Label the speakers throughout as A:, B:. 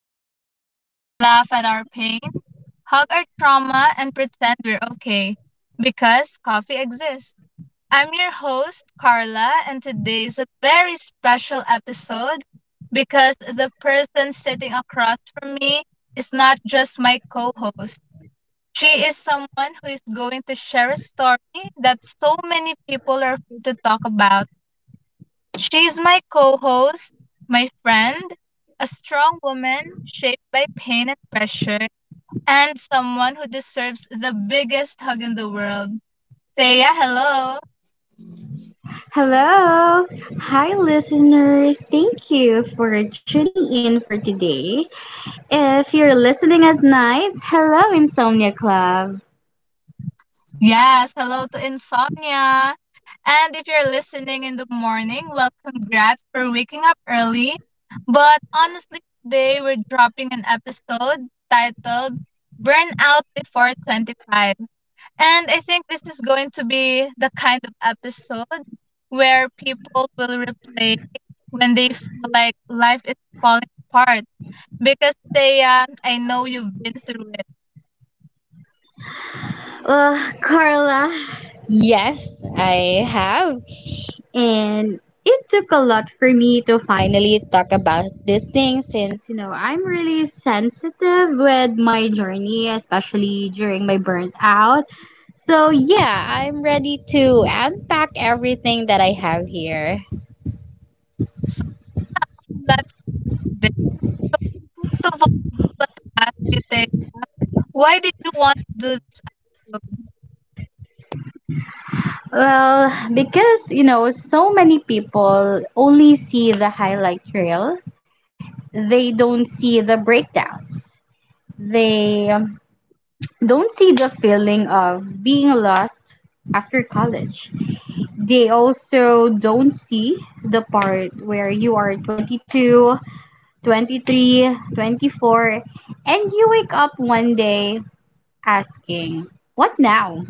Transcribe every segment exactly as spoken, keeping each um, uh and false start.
A: honest, laugh at our pain, hug our trauma, and pretend we're okay. Because coffee exists. I'm your host, Carla, and today is a very special episode because the person sitting across from me is not just my co host. She is someone who is going to share a story that so many people are afraid to talk about. She's my co host, my friend, a strong woman shaped by pain and pressure, and someone who deserves the biggest hug in the world. Thea, hello.
B: Hello. Hi, listeners. Thank you for tuning in for today. If you're listening at night, hello, Insomnia Club.
A: Yes, hello to Insomnia. And if you're listening in the morning, well, congrats for waking up early. But honestly, today we're dropping an episode titled Burnout Before twenty-five. And I think this is going to be the kind of episode where people will replay when they feel like life is falling apart. Because they, uh, I know you've been through it.
B: Well, Carla, yes, I have and it took a lot for me to find, finally talked about this thing since since you know I'm really sensitive with my journey, especially during my burnout. So yeah, yeah, I'm ready to unpack everything that I have here.
A: So let's do this. So, first of all, I just want to ask you, Thea, why did you want to do this alone?
B: Well, because you know, so many people only see the highlight reel, they don't see the breakdowns. They um, don't see the feeling of being lost after college. They also don't see the part where you are twenty two, twenty three, twenty four, and you wake up one day asking, what now?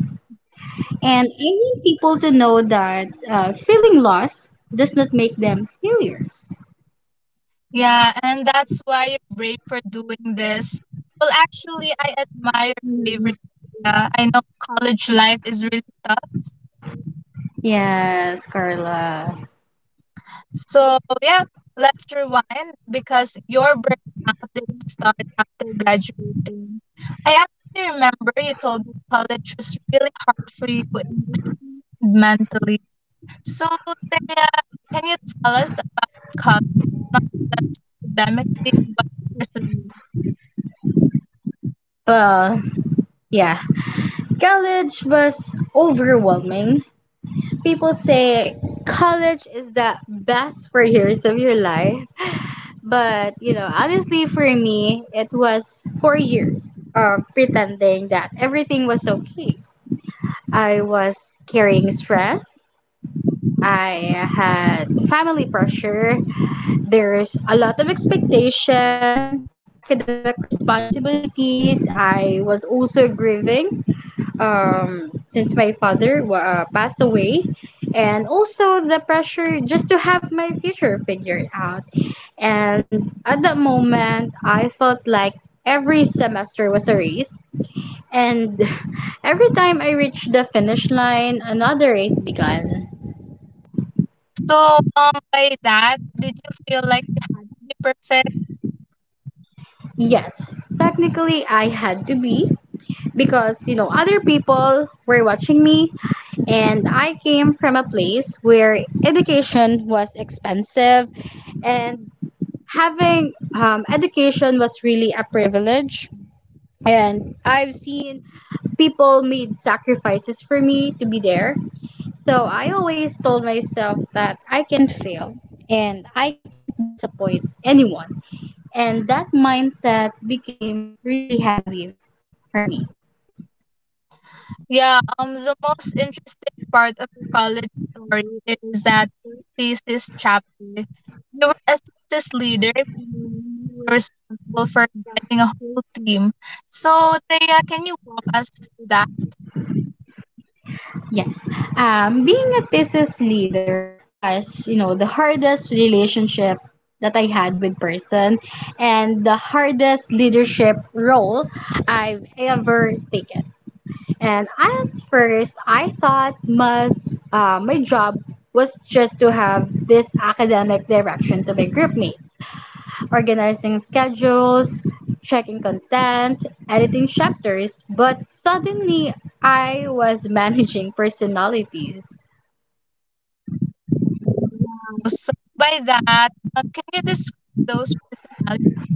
B: And I want people to know that uh, feeling lost does not make them failures.
A: Yeah, and that's why you're brave for doing this. Well, actually, I admire bravery.
B: Mm,
A: Thea, I know college life is really tough.
B: yes, Carla.
A: So yeah, let's rewind because your burnout didn't start after graduating. I actually remember you told me college was really hard for you emotionally and mentally. So Taya, can you tell us about college, not just academically but personally?
B: Well, yeah. College was overwhelming. People say college is the best four years of your life. But, you know, honestly, for me, it was four years of pretending that everything was okay. I was carrying stress. I had family pressure, there's a lot of expectation, academic responsibilities. I was also grieving um, since my father uh, passed away, and also the pressure just to have my future figured out. And at that moment, I felt like every semester was a race, and every time I reached the finish line, another race began.
A: So um by that, did you feel like you had to be perfect?
B: Yes, technically, I had to be because you know other people were watching me and I came from a place where education was expensive and having um, education was really a privilege and I've seen people made sacrifices for me to be there so I always told myself that I can fail and I can't disappoint anyone and that mindset became really heavy for me.
A: Yeah, um, the most interesting part of your college story is that your thesis chapter. You were a thesis leader, meaning you were responsible for guiding a whole team. So, Thea, can you walk us through that?
B: Yes. Um, being a thesis leader was, you know, the hardest relationship that I had with person and the hardest leadership role I've ever taken. And at first, I thought mas, uh, my job was just to have this academic direction to my group mates, organizing schedules, checking content, editing chapters, but suddenly I was managing personalities.
A: Wow. So, by that, uh, can you describe those personalities?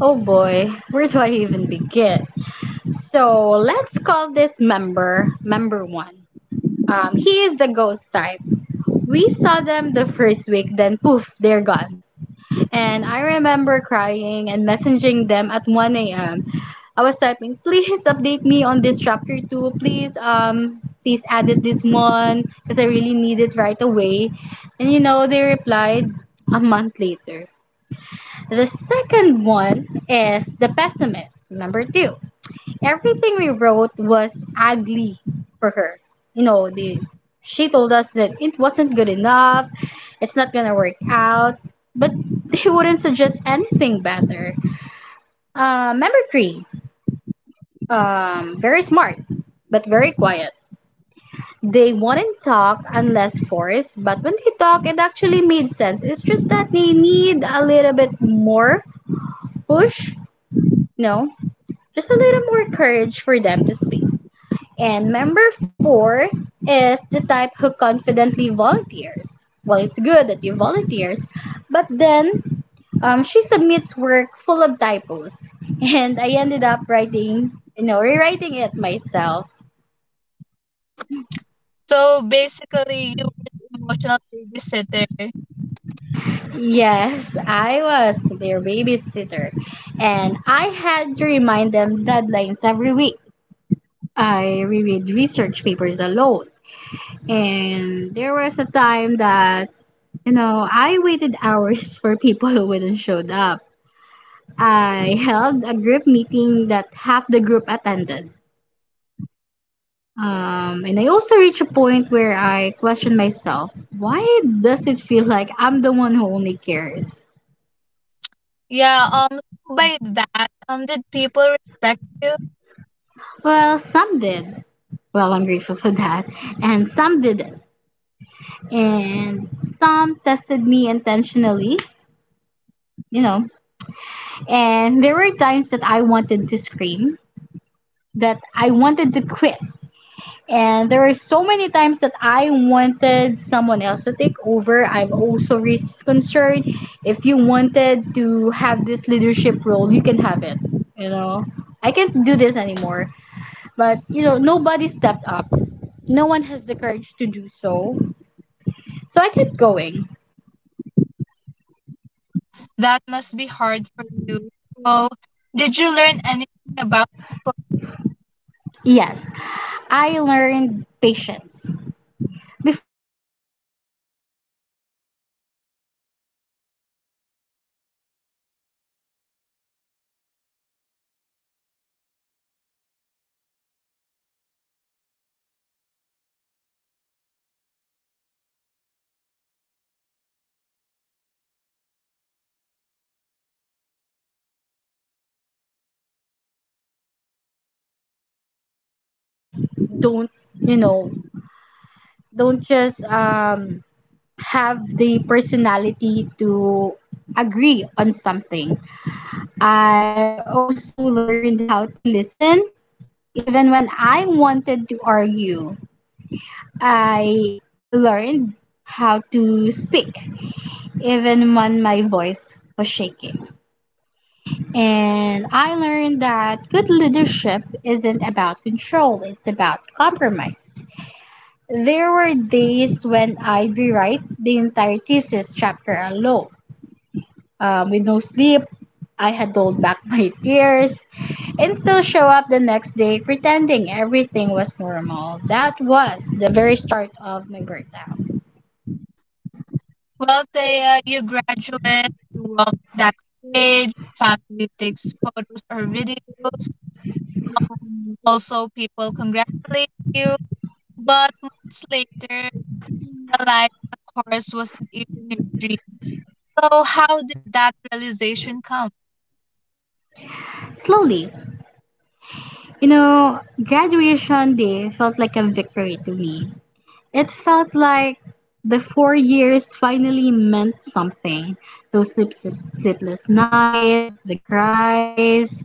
B: Oh boy, where do I even begin? So let's call this member member one. Um, he is the ghost type. We saw them the first week, then poof, they're gone. And I remember crying and messaging them at one a m. I was typing, please update me on this chapter two. Please, um, please edit this one because I really need it right away. And you know, they replied a month later. The second one is The Pessimist, number two, everything we wrote was ugly for her. You know, the she told us that it wasn't good enough, it's not gonna work out, but they wouldn't suggest anything better. Uh, member three, um, very smart, but very quiet. They wouldn't talk unless forced, but when they talk, it actually made sense. It's just that they need a little bit more push, no, just a little more courage for them to speak. And member four is the type who confidently volunteers. Well, it's good that you volunteers, but then um, she submits work full of typos, and I ended up writing, you know, rewriting it myself.
A: So, basically, you were the emotional babysitter.
B: Yes, I was their babysitter, and I had to remind them deadlines every week. I reread research papers alone, and there was a time that, you know, I waited hours for people who wouldn't showed up. I held a group meeting that half the group attended. Um, and I also reached a point where I questioned myself, why does it feel like I'm the one who only cares?
A: Yeah, um, by that, um, did people respect you?
B: Well, some did. Well, I'm grateful for that. And some didn't. And some tested me intentionally, you know. And there were times that I wanted to scream, that I wanted to quit. And there are so many times that I wanted someone else to take over. I'm also really concerned. If you wanted to have this leadership role, you can have it. You know, I can't do this anymore. But you know, nobody stepped up. No one has the courage to do so. So I kept going.
A: That must be hard for you. So, did you learn anything about people?
B: Yes, I learned patience. Before, I don't really have the patience to talk to people. I don't stand negative people. And I learned patience during those time and not the calm one, not the calm kind, but the painful type. I learned how to deal with laziness, ego, insecurity and personality conflict. There are people who just don't, you know, don't just um have the personality to agree on something. I also learned how to listen. Even when I wanted to argue, I learned how to speak, even when my voice was shaking. And I learned that good leadership isn't about control, it's about compromise. There were days when I'd rewrite the entire thesis chapter alone. Um, with no sleep, I had held back my tears, and still show up the next day pretending everything was normal. That was the very start of my burnout.
A: Well, Thea, you graduate, you walk that stage, family takes photos or videos. Um, also, people congratulate you. But months later, you realize the course wasn't even your dream. So, how did that realization come?
B: Slowly, you know, graduation day felt like a victory to me. It felt like the four years finally meant something. Those sleepless, sleepless nights, the cries.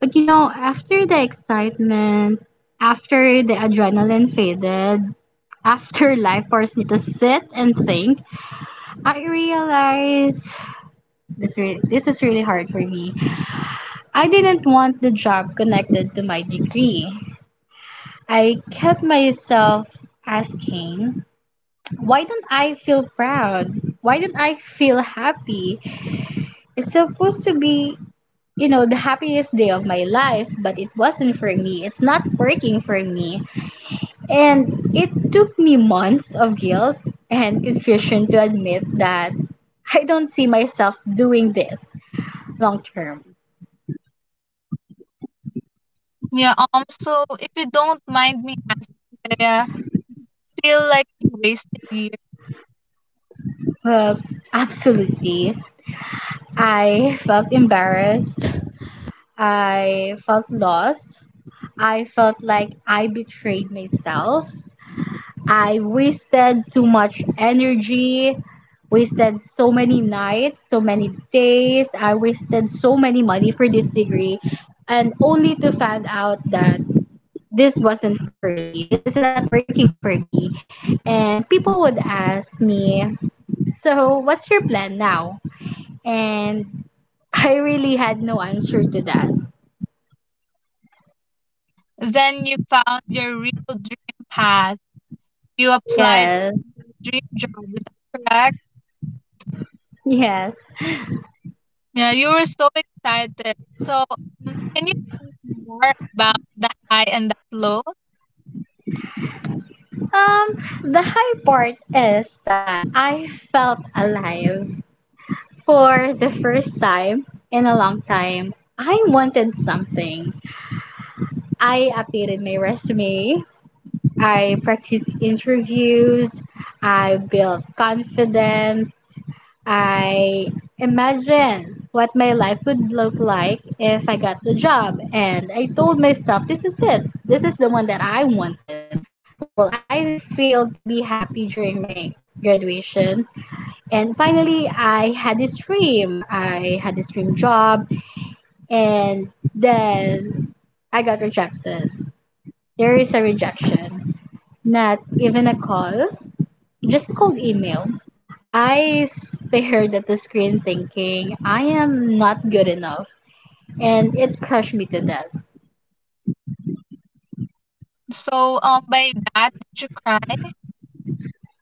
B: But you know, after the excitement, after the adrenaline faded, after life forced me to sit and think, I realize this re- this is really hard for me. I didn't want the job connected to my degree. I kept myself asking, why don't I feel proud? Why don't I feel happy? It's supposed to be, you know, the happiest day of my life, but it wasn't for me. It's not working for me. And it took me months of guilt and confusion to admit that I don't see myself doing this long term.
A: Yeah, um, so if you don't mind me asking, Thea, feel like you wasted years.
B: Well, absolutely. I felt embarrassed. I felt lost. I felt like I betrayed myself. I wasted too much energy, wasted so many nights, so many days. I wasted so many money for this degree, and only to find out that this wasn't for me. This is not working for me. And people would ask me, so, what's your plan now? And I really had no answer to that.
A: Then you found your real dream path. You applied
B: Yes,
A: to your dream job. Is that correct?
B: yes.
A: Yeah, you were so excited. So, um, can you tell me more about the high and the low?
B: Um, the high part is that I felt alive for the first time in a long time. I wanted something. I updated my resume, I practice interviews, I build confidence, I imagine what my life would look like if I got the job. And I told myself, this is it. This is the one that I wanted. Well, I failed to be happy during my graduation. And finally, I had this dream. I had this dream job. And then I got rejected. There is a rejection, not even a call, just cold email. I stared at the screen thinking, I am not good enough. And it crushed me to death.
A: So, um, by that, did you cry?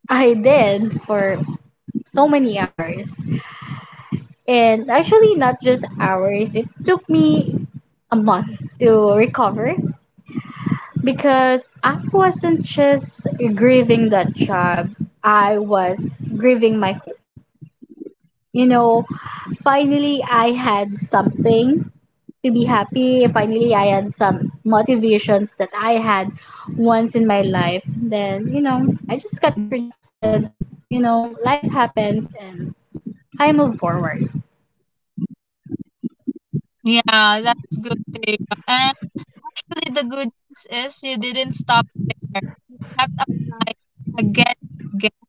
B: I did for so many hours. And actually, not just hours, it took me a month to recover because I wasn't just grieving that job, I was grieving my hope. You know, finally, I had something to be happy. Finally, I had some motivations that I had once in my life. Then, you know, I just got rejected. You know, life happens and I move forward.
A: Yeah, that's good to hear. And actually, the good news is you didn't stop there. You kept applying again, and again.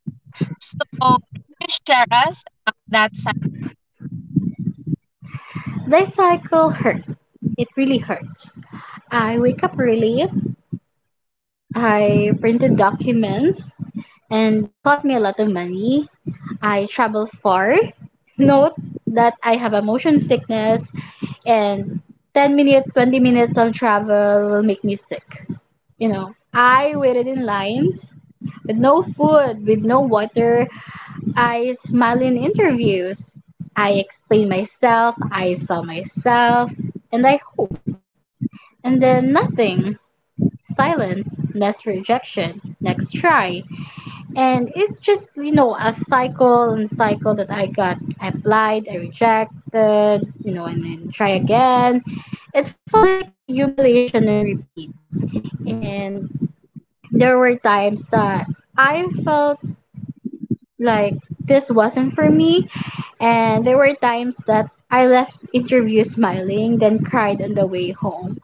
A: So, can you share us about that?
B: This cycle hurt. It really hurts. I wake up early. I printed documents and it cost me a lot of money. I travel far. Note that I have a motion sickness and ten minutes, twenty minutes of travel will make me sick. You know, I waited in lines with no food, with no water. I smile in interviews. I explain myself, I saw myself, and I hope. And then nothing. Silence, next rejection, next try. And it's just, you know, a cycle and cycle that I got. I applied, I rejected, you know, and then try again. It felt like a humiliation and repeat. And there were times that I felt like this wasn't for me, and there were times that I left interview smiling, then cried on the way home.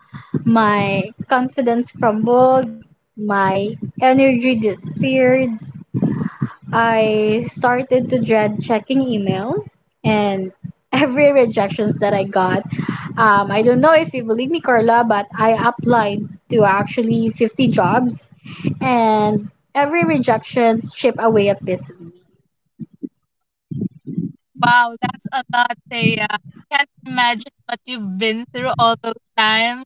B: My confidence crumbled, my energy disappeared. I started to dread checking email, and every rejections that I got. Um, I don't know if you believe me, Carla, but I applied to actually fifty jobs and every rejection chipped away a piece of me.
A: Wow, that's a lot, Thea. Can't imagine what you've been through all those times.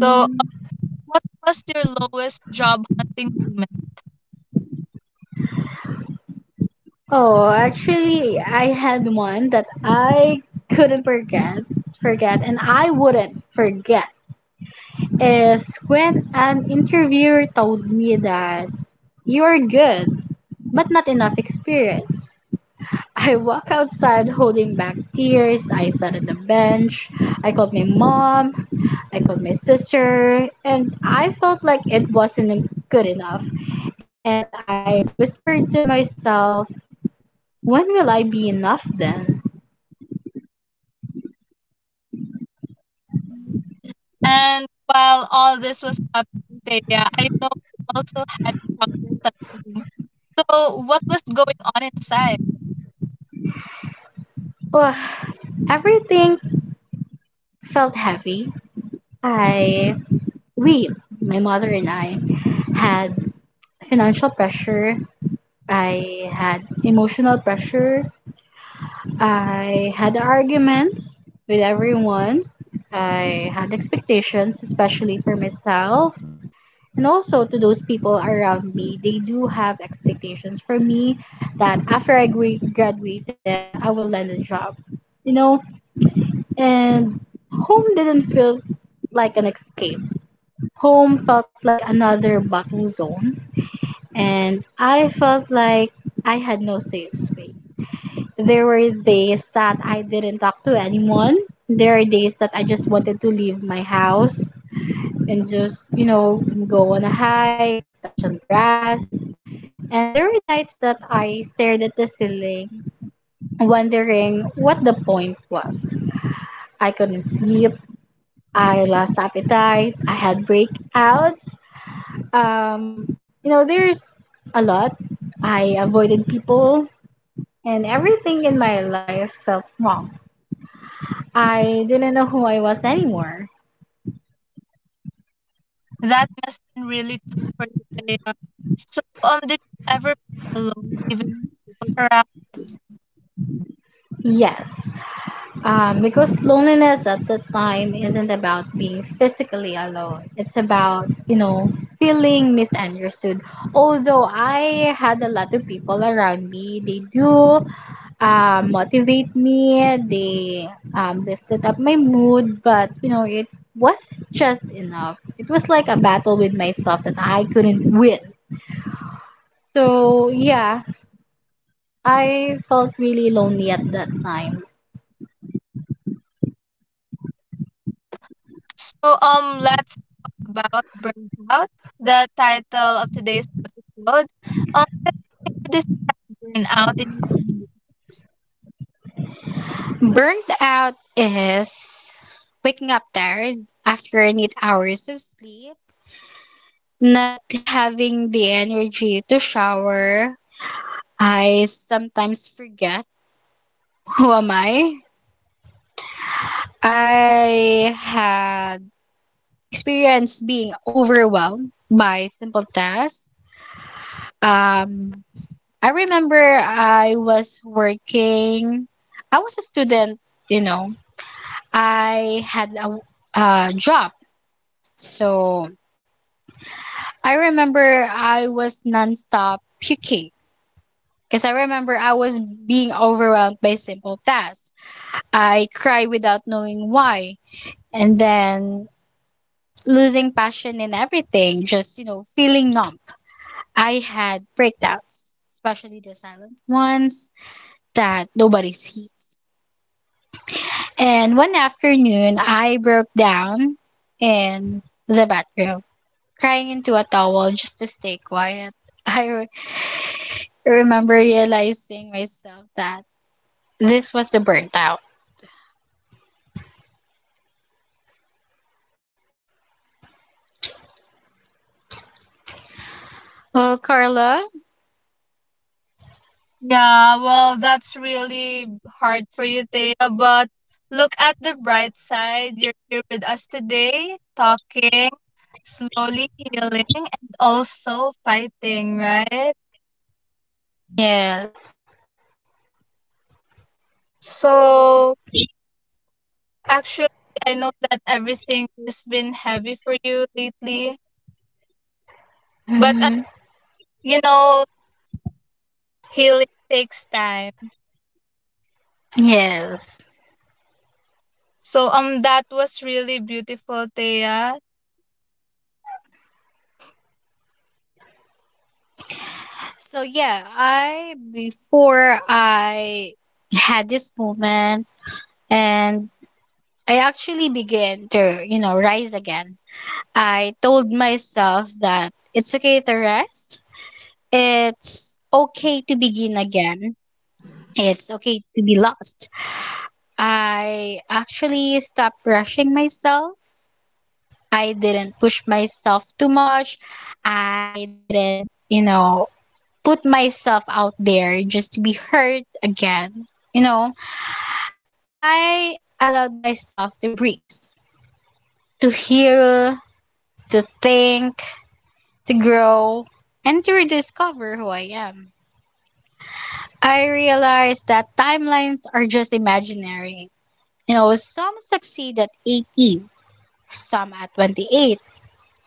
A: So, uh, what was your lowest job hunting moment?
B: Oh, actually, I had one that I couldn't forget, forget, and I wouldn't forget is when an interviewer told me that you're good, but not enough experience. I walk outside holding back tears. I sat on the bench. I called my mom. I called my sister, and I felt like it wasn't good enough. And I whispered to myself, when will I be enough then?
A: And while all this was happening, Thea, I know you also had problems at home. So, what was going on inside?
B: Ugh, everything felt heavy. I, we, my mother and I, had financial pressure. I had emotional pressure. I had arguments with everyone. I had expectations, especially for myself. And also to those people around me, they do have expectations for me that after I gra- graduated, I will land a job. You know, and home didn't feel like an escape. Home felt like another battle zone, and I felt like I had no safe space. There were days that I didn't talk to anyone. There are days that I just wanted to leave my house and just, you know, go on a hike, touch some grass. And there were nights that I stared at the ceiling, wondering what the point was. I couldn't sleep. I lost appetite. I had breakouts. Um, you know, there's A lot. I avoided people, and everything in my life felt wrong. I didn't know who I was anymore.
A: That must have been really tough for you, Thea. So, um, did you ever feel alone, even with people around?
B: Yes. Um, because loneliness at the time isn't about being physically alone. It's about, you know, feeling misunderstood. Although I had a lot of people around me, they do uh, motivate me, they um, lifted up my mood, but, you know, it wasn't just enough. It was like a battle with myself that I couldn't win. So, yeah, I felt really lonely at that time.
A: So um let's talk about burnout, the title of today's episode. Um here this burnout in
B: Burnt out is waking up tired after eight hours of sleep, not having the energy to shower. I sometimes forget who am I. I had experienced being overwhelmed by simple tasks. Um, I remember I was working. I was a student, you know. I had a, a job, so I remember I was nonstop puking because I remember I was being overwhelmed by simple tasks. I cried without knowing why, and then losing passion in everything, just, you know, feeling numb. I had breakdowns, especially the silent ones that nobody sees. And one afternoon, I broke down in the bathroom, crying into a towel just to stay quiet. I I remember realizing myself that this was the burnout. Well, Carla,
A: Yeah, well, that's really hard for you, Thea, but look at the bright side. You're here with us today, talking, slowly healing and also fighting, right?
B: yes.
A: So actually, I know that everything has been heavy for you lately. But uh,
B: Hmm.
A: you know, healing takes time.
B: Yes.
A: So um that was really beautiful, Thea.
B: So, yeah, I, before I had this moment and I actually began to, you know, rise again, I told myself that it's okay to rest, it's okay to begin again, it's okay to be lost. I actually stopped rushing myself. I didn't push myself too much. I didn't, you know, put myself out there just to be hurt again. You know, I allowed myself to breathe, to heal, to think, to grow, and to rediscover who I am. I realized that timelines are just imaginary. You know, some succeed at eighteen, some at twenty-eight,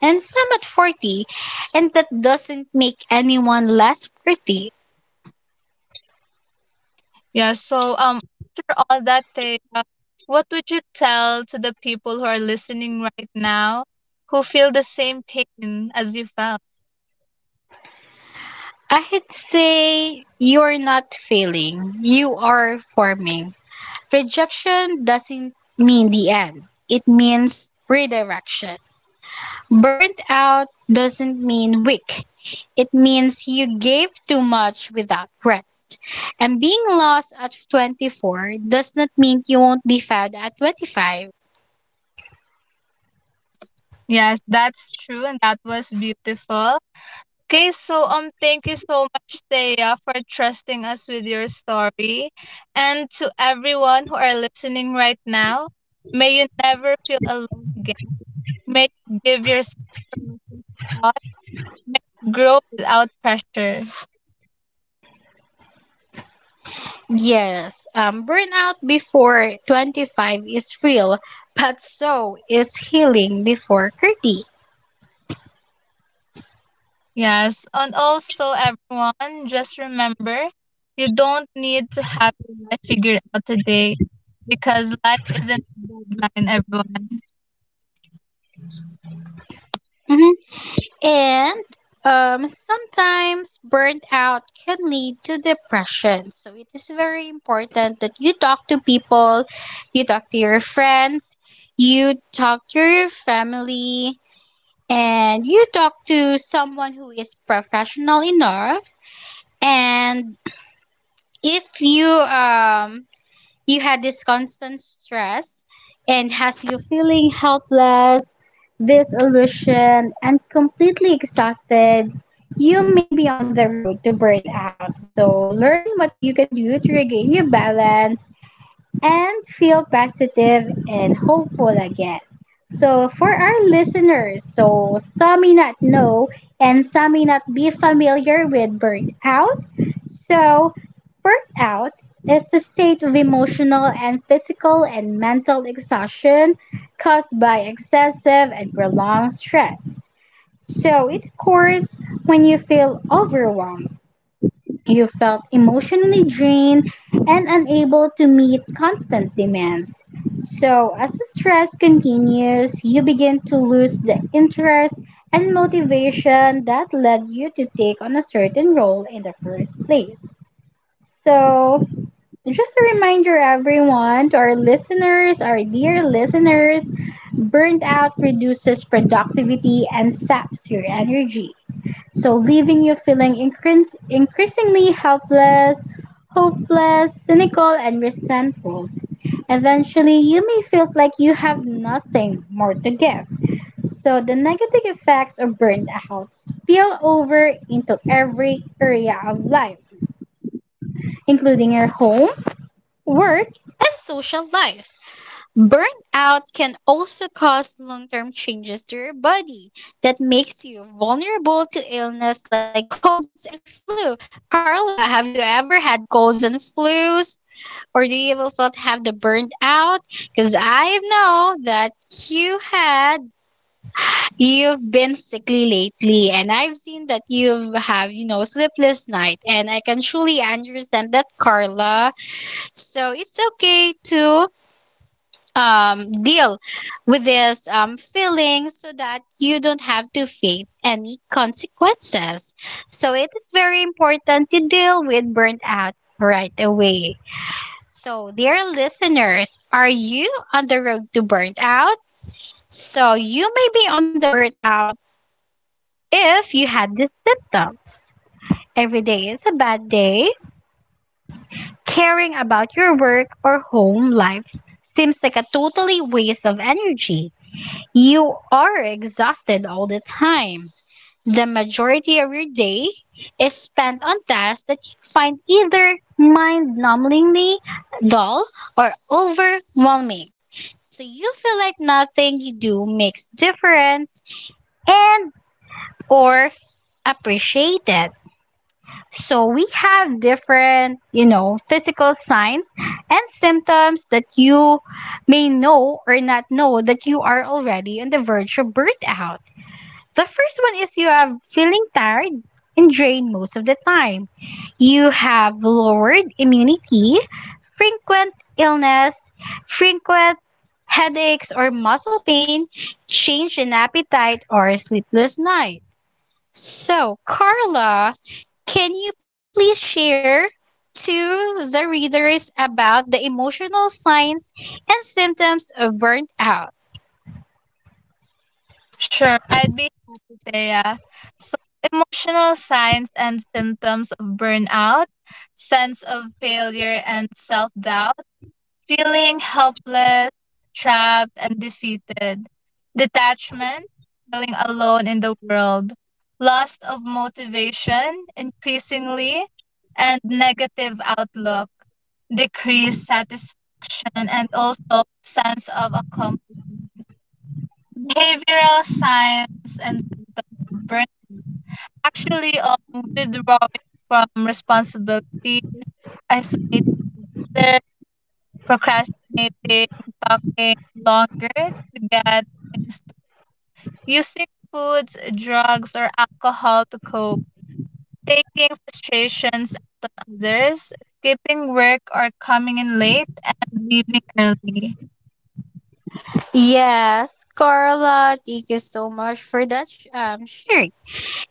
B: and some at forty, and that doesn't make anyone less worthy.
A: Yeah, so um After all that, Thea, what would you tell to the people who are listening right now who feel the same pain as you felt?
B: I'd say you're not failing, you are forming. Rejection doesn't mean the end, it means redirection. Burnt out doesn't mean weak, it means you gave too much without rest. And being lost at twenty-four does not mean you won't be found at twenty-five.
A: Yes, that's true, and that was beautiful. Okay, so um thank you so much, Thea, for trusting us with your story. And to everyone who are listening right now, may you never feel alone again. Make Give yourself permission to pause, grow without pressure.
B: Yes, um, burnout before twenty-five is real, but so is healing before thirty.
A: Yes, and also everyone, just remember, you don't need to have your life figured out today, because life isn't a deadline. Everyone,
B: Hmm. And um, sometimes burnout can lead to depression. So it is very important that you talk to people, you talk to your friends, you talk to your family, and you talk to someone who is professional enough. And if you um, You had this constant stress and has you feeling helpless, disillusioned, and completely exhausted. You may be on the road to burnout. So learn what you can do to regain your balance and feel positive and hopeful again. So, for our listeners, so some may not know and some may not be familiar with burnout. So, burnout is a state of emotional and physical and mental exhaustion caused by excessive and prolonged stress. So, it occurs when you feel overwhelmed, you felt emotionally drained and unable to meet constant demands. So, as the stress continues, you begin to lose the interest and motivation that led you to take on a certain role in the first place. So, just a reminder, everyone, to our listeners, our dear listeners, burnt out reduces productivity and saps your energy. So, leaving you feeling increas- increasingly helpless, hopeless, cynical, and resentful. Eventually, you may feel like you have nothing more to give. So, the negative effects of burnout spill over into every area of life, including your home, work, and social life. Burnout can also cause long term changes to your body that makes you vulnerable to illness like colds and flu. Carla, have you ever had colds and flus? Or do you ever felt have the burnt out? Because I know that you had, you've been sickly lately, and I've seen that you've you know, sleepless night, and I can truly understand that, Carla. So it's okay to um, deal with this um, feeling so that you don't have to face any consequences. So it is very important to deal with burnout right away. So, dear listeners, are you on the road to burnout? So, you may be on the burnout if you had these symptoms. Every day is a bad day. Caring about your work or home life seems like a totally waste of energy. You are exhausted all the time. The majority of your day is spent on tasks that you find either mind numbingly dull or overwhelming. So you feel like nothing you do makes difference and or appreciated. So we have different, you know, physical signs and symptoms that you may know or not know that you are already on the verge of burnout. The first one is you are feeling tired and drained most of the time. You have lowered immunity, frequent illness, frequent headaches or muscle pain, change in appetite or sleepless night. So, Carla, can you please share to the readers about the emotional signs and symptoms of burnout?
A: sure, I'd be happy, Thea. So, emotional signs and symptoms of burnout, sense of failure and self doubt, feeling helpless, trapped, and defeated. Detachment, feeling alone in the world. Loss of motivation, increasingly, and negative outlook, decreased satisfaction, and also sense of accomplishment. Behavioral signs and symptoms of burnout. Actually, um, withdrawing from responsibilities, isolating others, procrastinating, talking longer to get things, using foods, drugs, or alcohol to cope, taking frustrations out on others, skipping work or coming in late, and leaving early.
B: Yes, Carla, thank you so much for that sh- um sharing.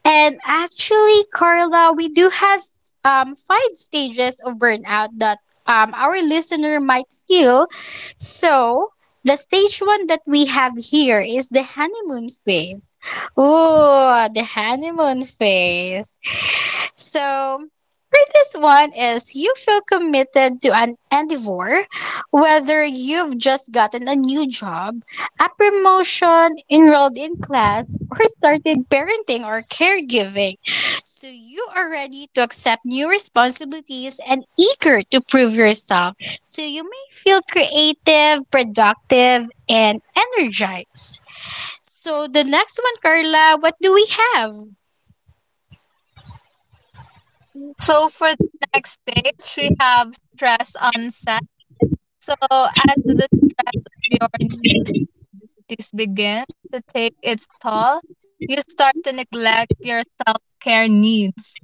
B: And actually, Carla, we do have s- um five stages of burnout that um our listener might feel. So the stage one that we have here is the honeymoon phase. Oh, the honeymoon phase. So this one is you feel committed to an endeavor, whether you've just gotten a new job, a promotion, enrolled in class, or started parenting or caregiving. So you are ready to accept new responsibilities and eager to prove yourself. So you may feel creative, productive, and energized. So the next one, Carla, what do we have?
A: So for the next stage, we have stress onset. So as the stress of your new responsibilities begin to take its toll, you start to neglect your self-care needs,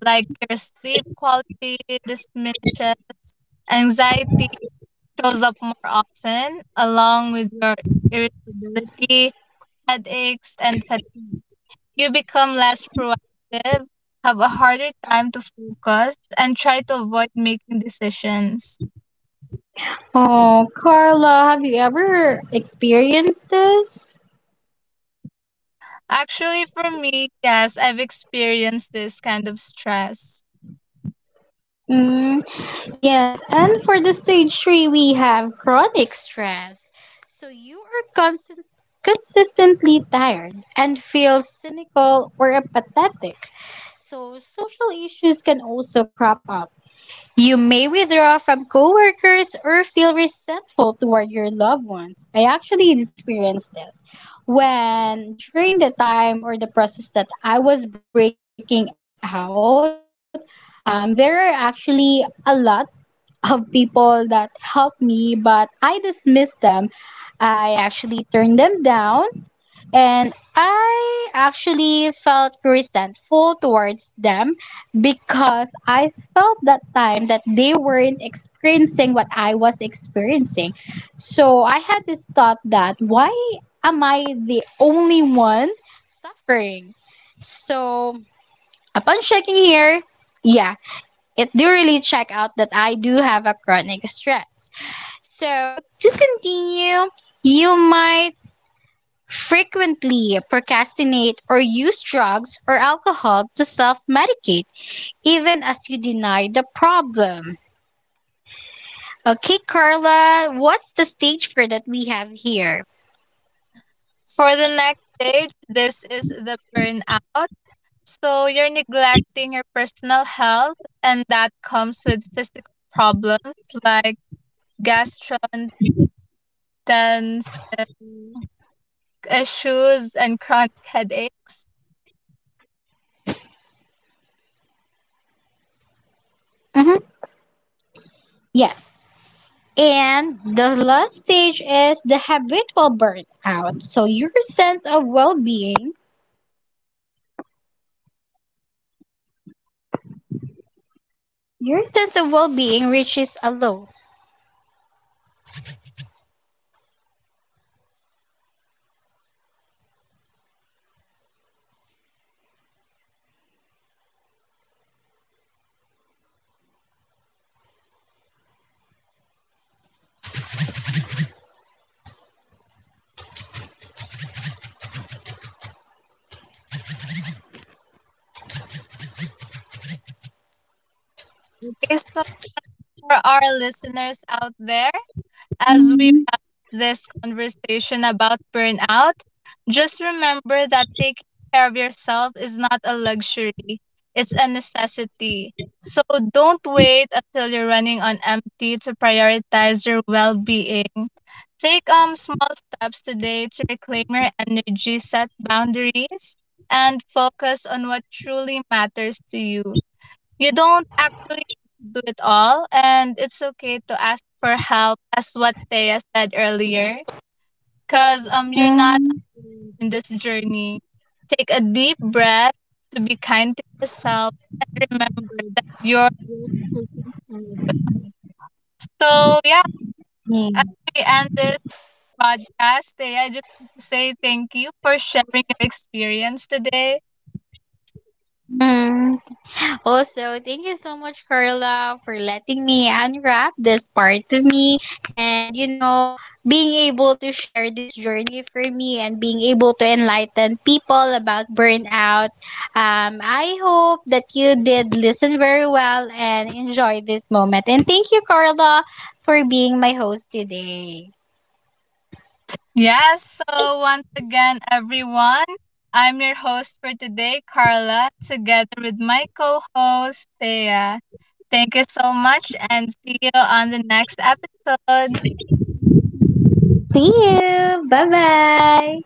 A: like your sleep quality diminishes, anxiety shows up more often, along with your irritability, headaches, and fatigue. You become less proactive, have a harder time to focus, and try to avoid making decisions.
B: Oh, Carla, have you ever experienced this?
A: Actually, for me, yes, I've experienced this kind of stress.
B: Mm, yes, and for the stage three, we have chronic stress. So you are constant, consistently tired and feel cynical or apathetic. So social issues can also crop up. You may withdraw from coworkers or feel resentful toward your loved ones. I actually experienced this when during the time or the process that I was breaking out. Um, there are actually a lot of people that helped me, but I dismissed them. I actually turned them down and I actually felt resentful towards them because I felt that time that they weren't experiencing what I was experiencing. So I had this thought that why am I the only one suffering? So upon checking here, yeah, it do really check out that I do have a chronic stress. So to continue, you might frequently procrastinate or use drugs or alcohol to self medicate, even as you deny the problem. Okay, Carla, what's the stage for that we have here?
A: For the next stage, this is the burnout. So you're neglecting your personal health, and that comes with physical problems like gastrointestinal issues and chronic headaches.
B: Hmm. Yes. And the last stage is the habitual burnout. So your sense of well being, your sense of well being reaches a low.
A: Okay, so for our listeners out there, as we
B: Hmm.
A: wrap this conversation about burnout, just remember that taking care of yourself is not a luxury, it's a necessity. So don't wait until you're running on empty to prioritize your well being. Take um small steps today to reclaim your energy, set boundaries, and focus on what truly matters to you. You don't actually do it all, and it's okay to ask for help, as what Thea said earlier, because um, you're not alone in this journey. Take a deep breath to be kind to yourself and remember that you're worth taking care of. So
B: Mm-hmm.
A: yeah, as we end this podcast, Thea, I just want to say thank you for sharing your experience today.
B: Also, thank you so much, Carla, for letting me unwrap this part of me and, you know, being able to share this journey for me and being able to enlighten people about burnout. Um, I hope that you did listen very well and enjoy this moment. And thank you, Carla, for being my host today.
A: Yes, so once again, everyone, I'm your host for today, Carla, together with my co host, Thea. Thank you so much and see you on the next episode.
B: See you. Bye bye.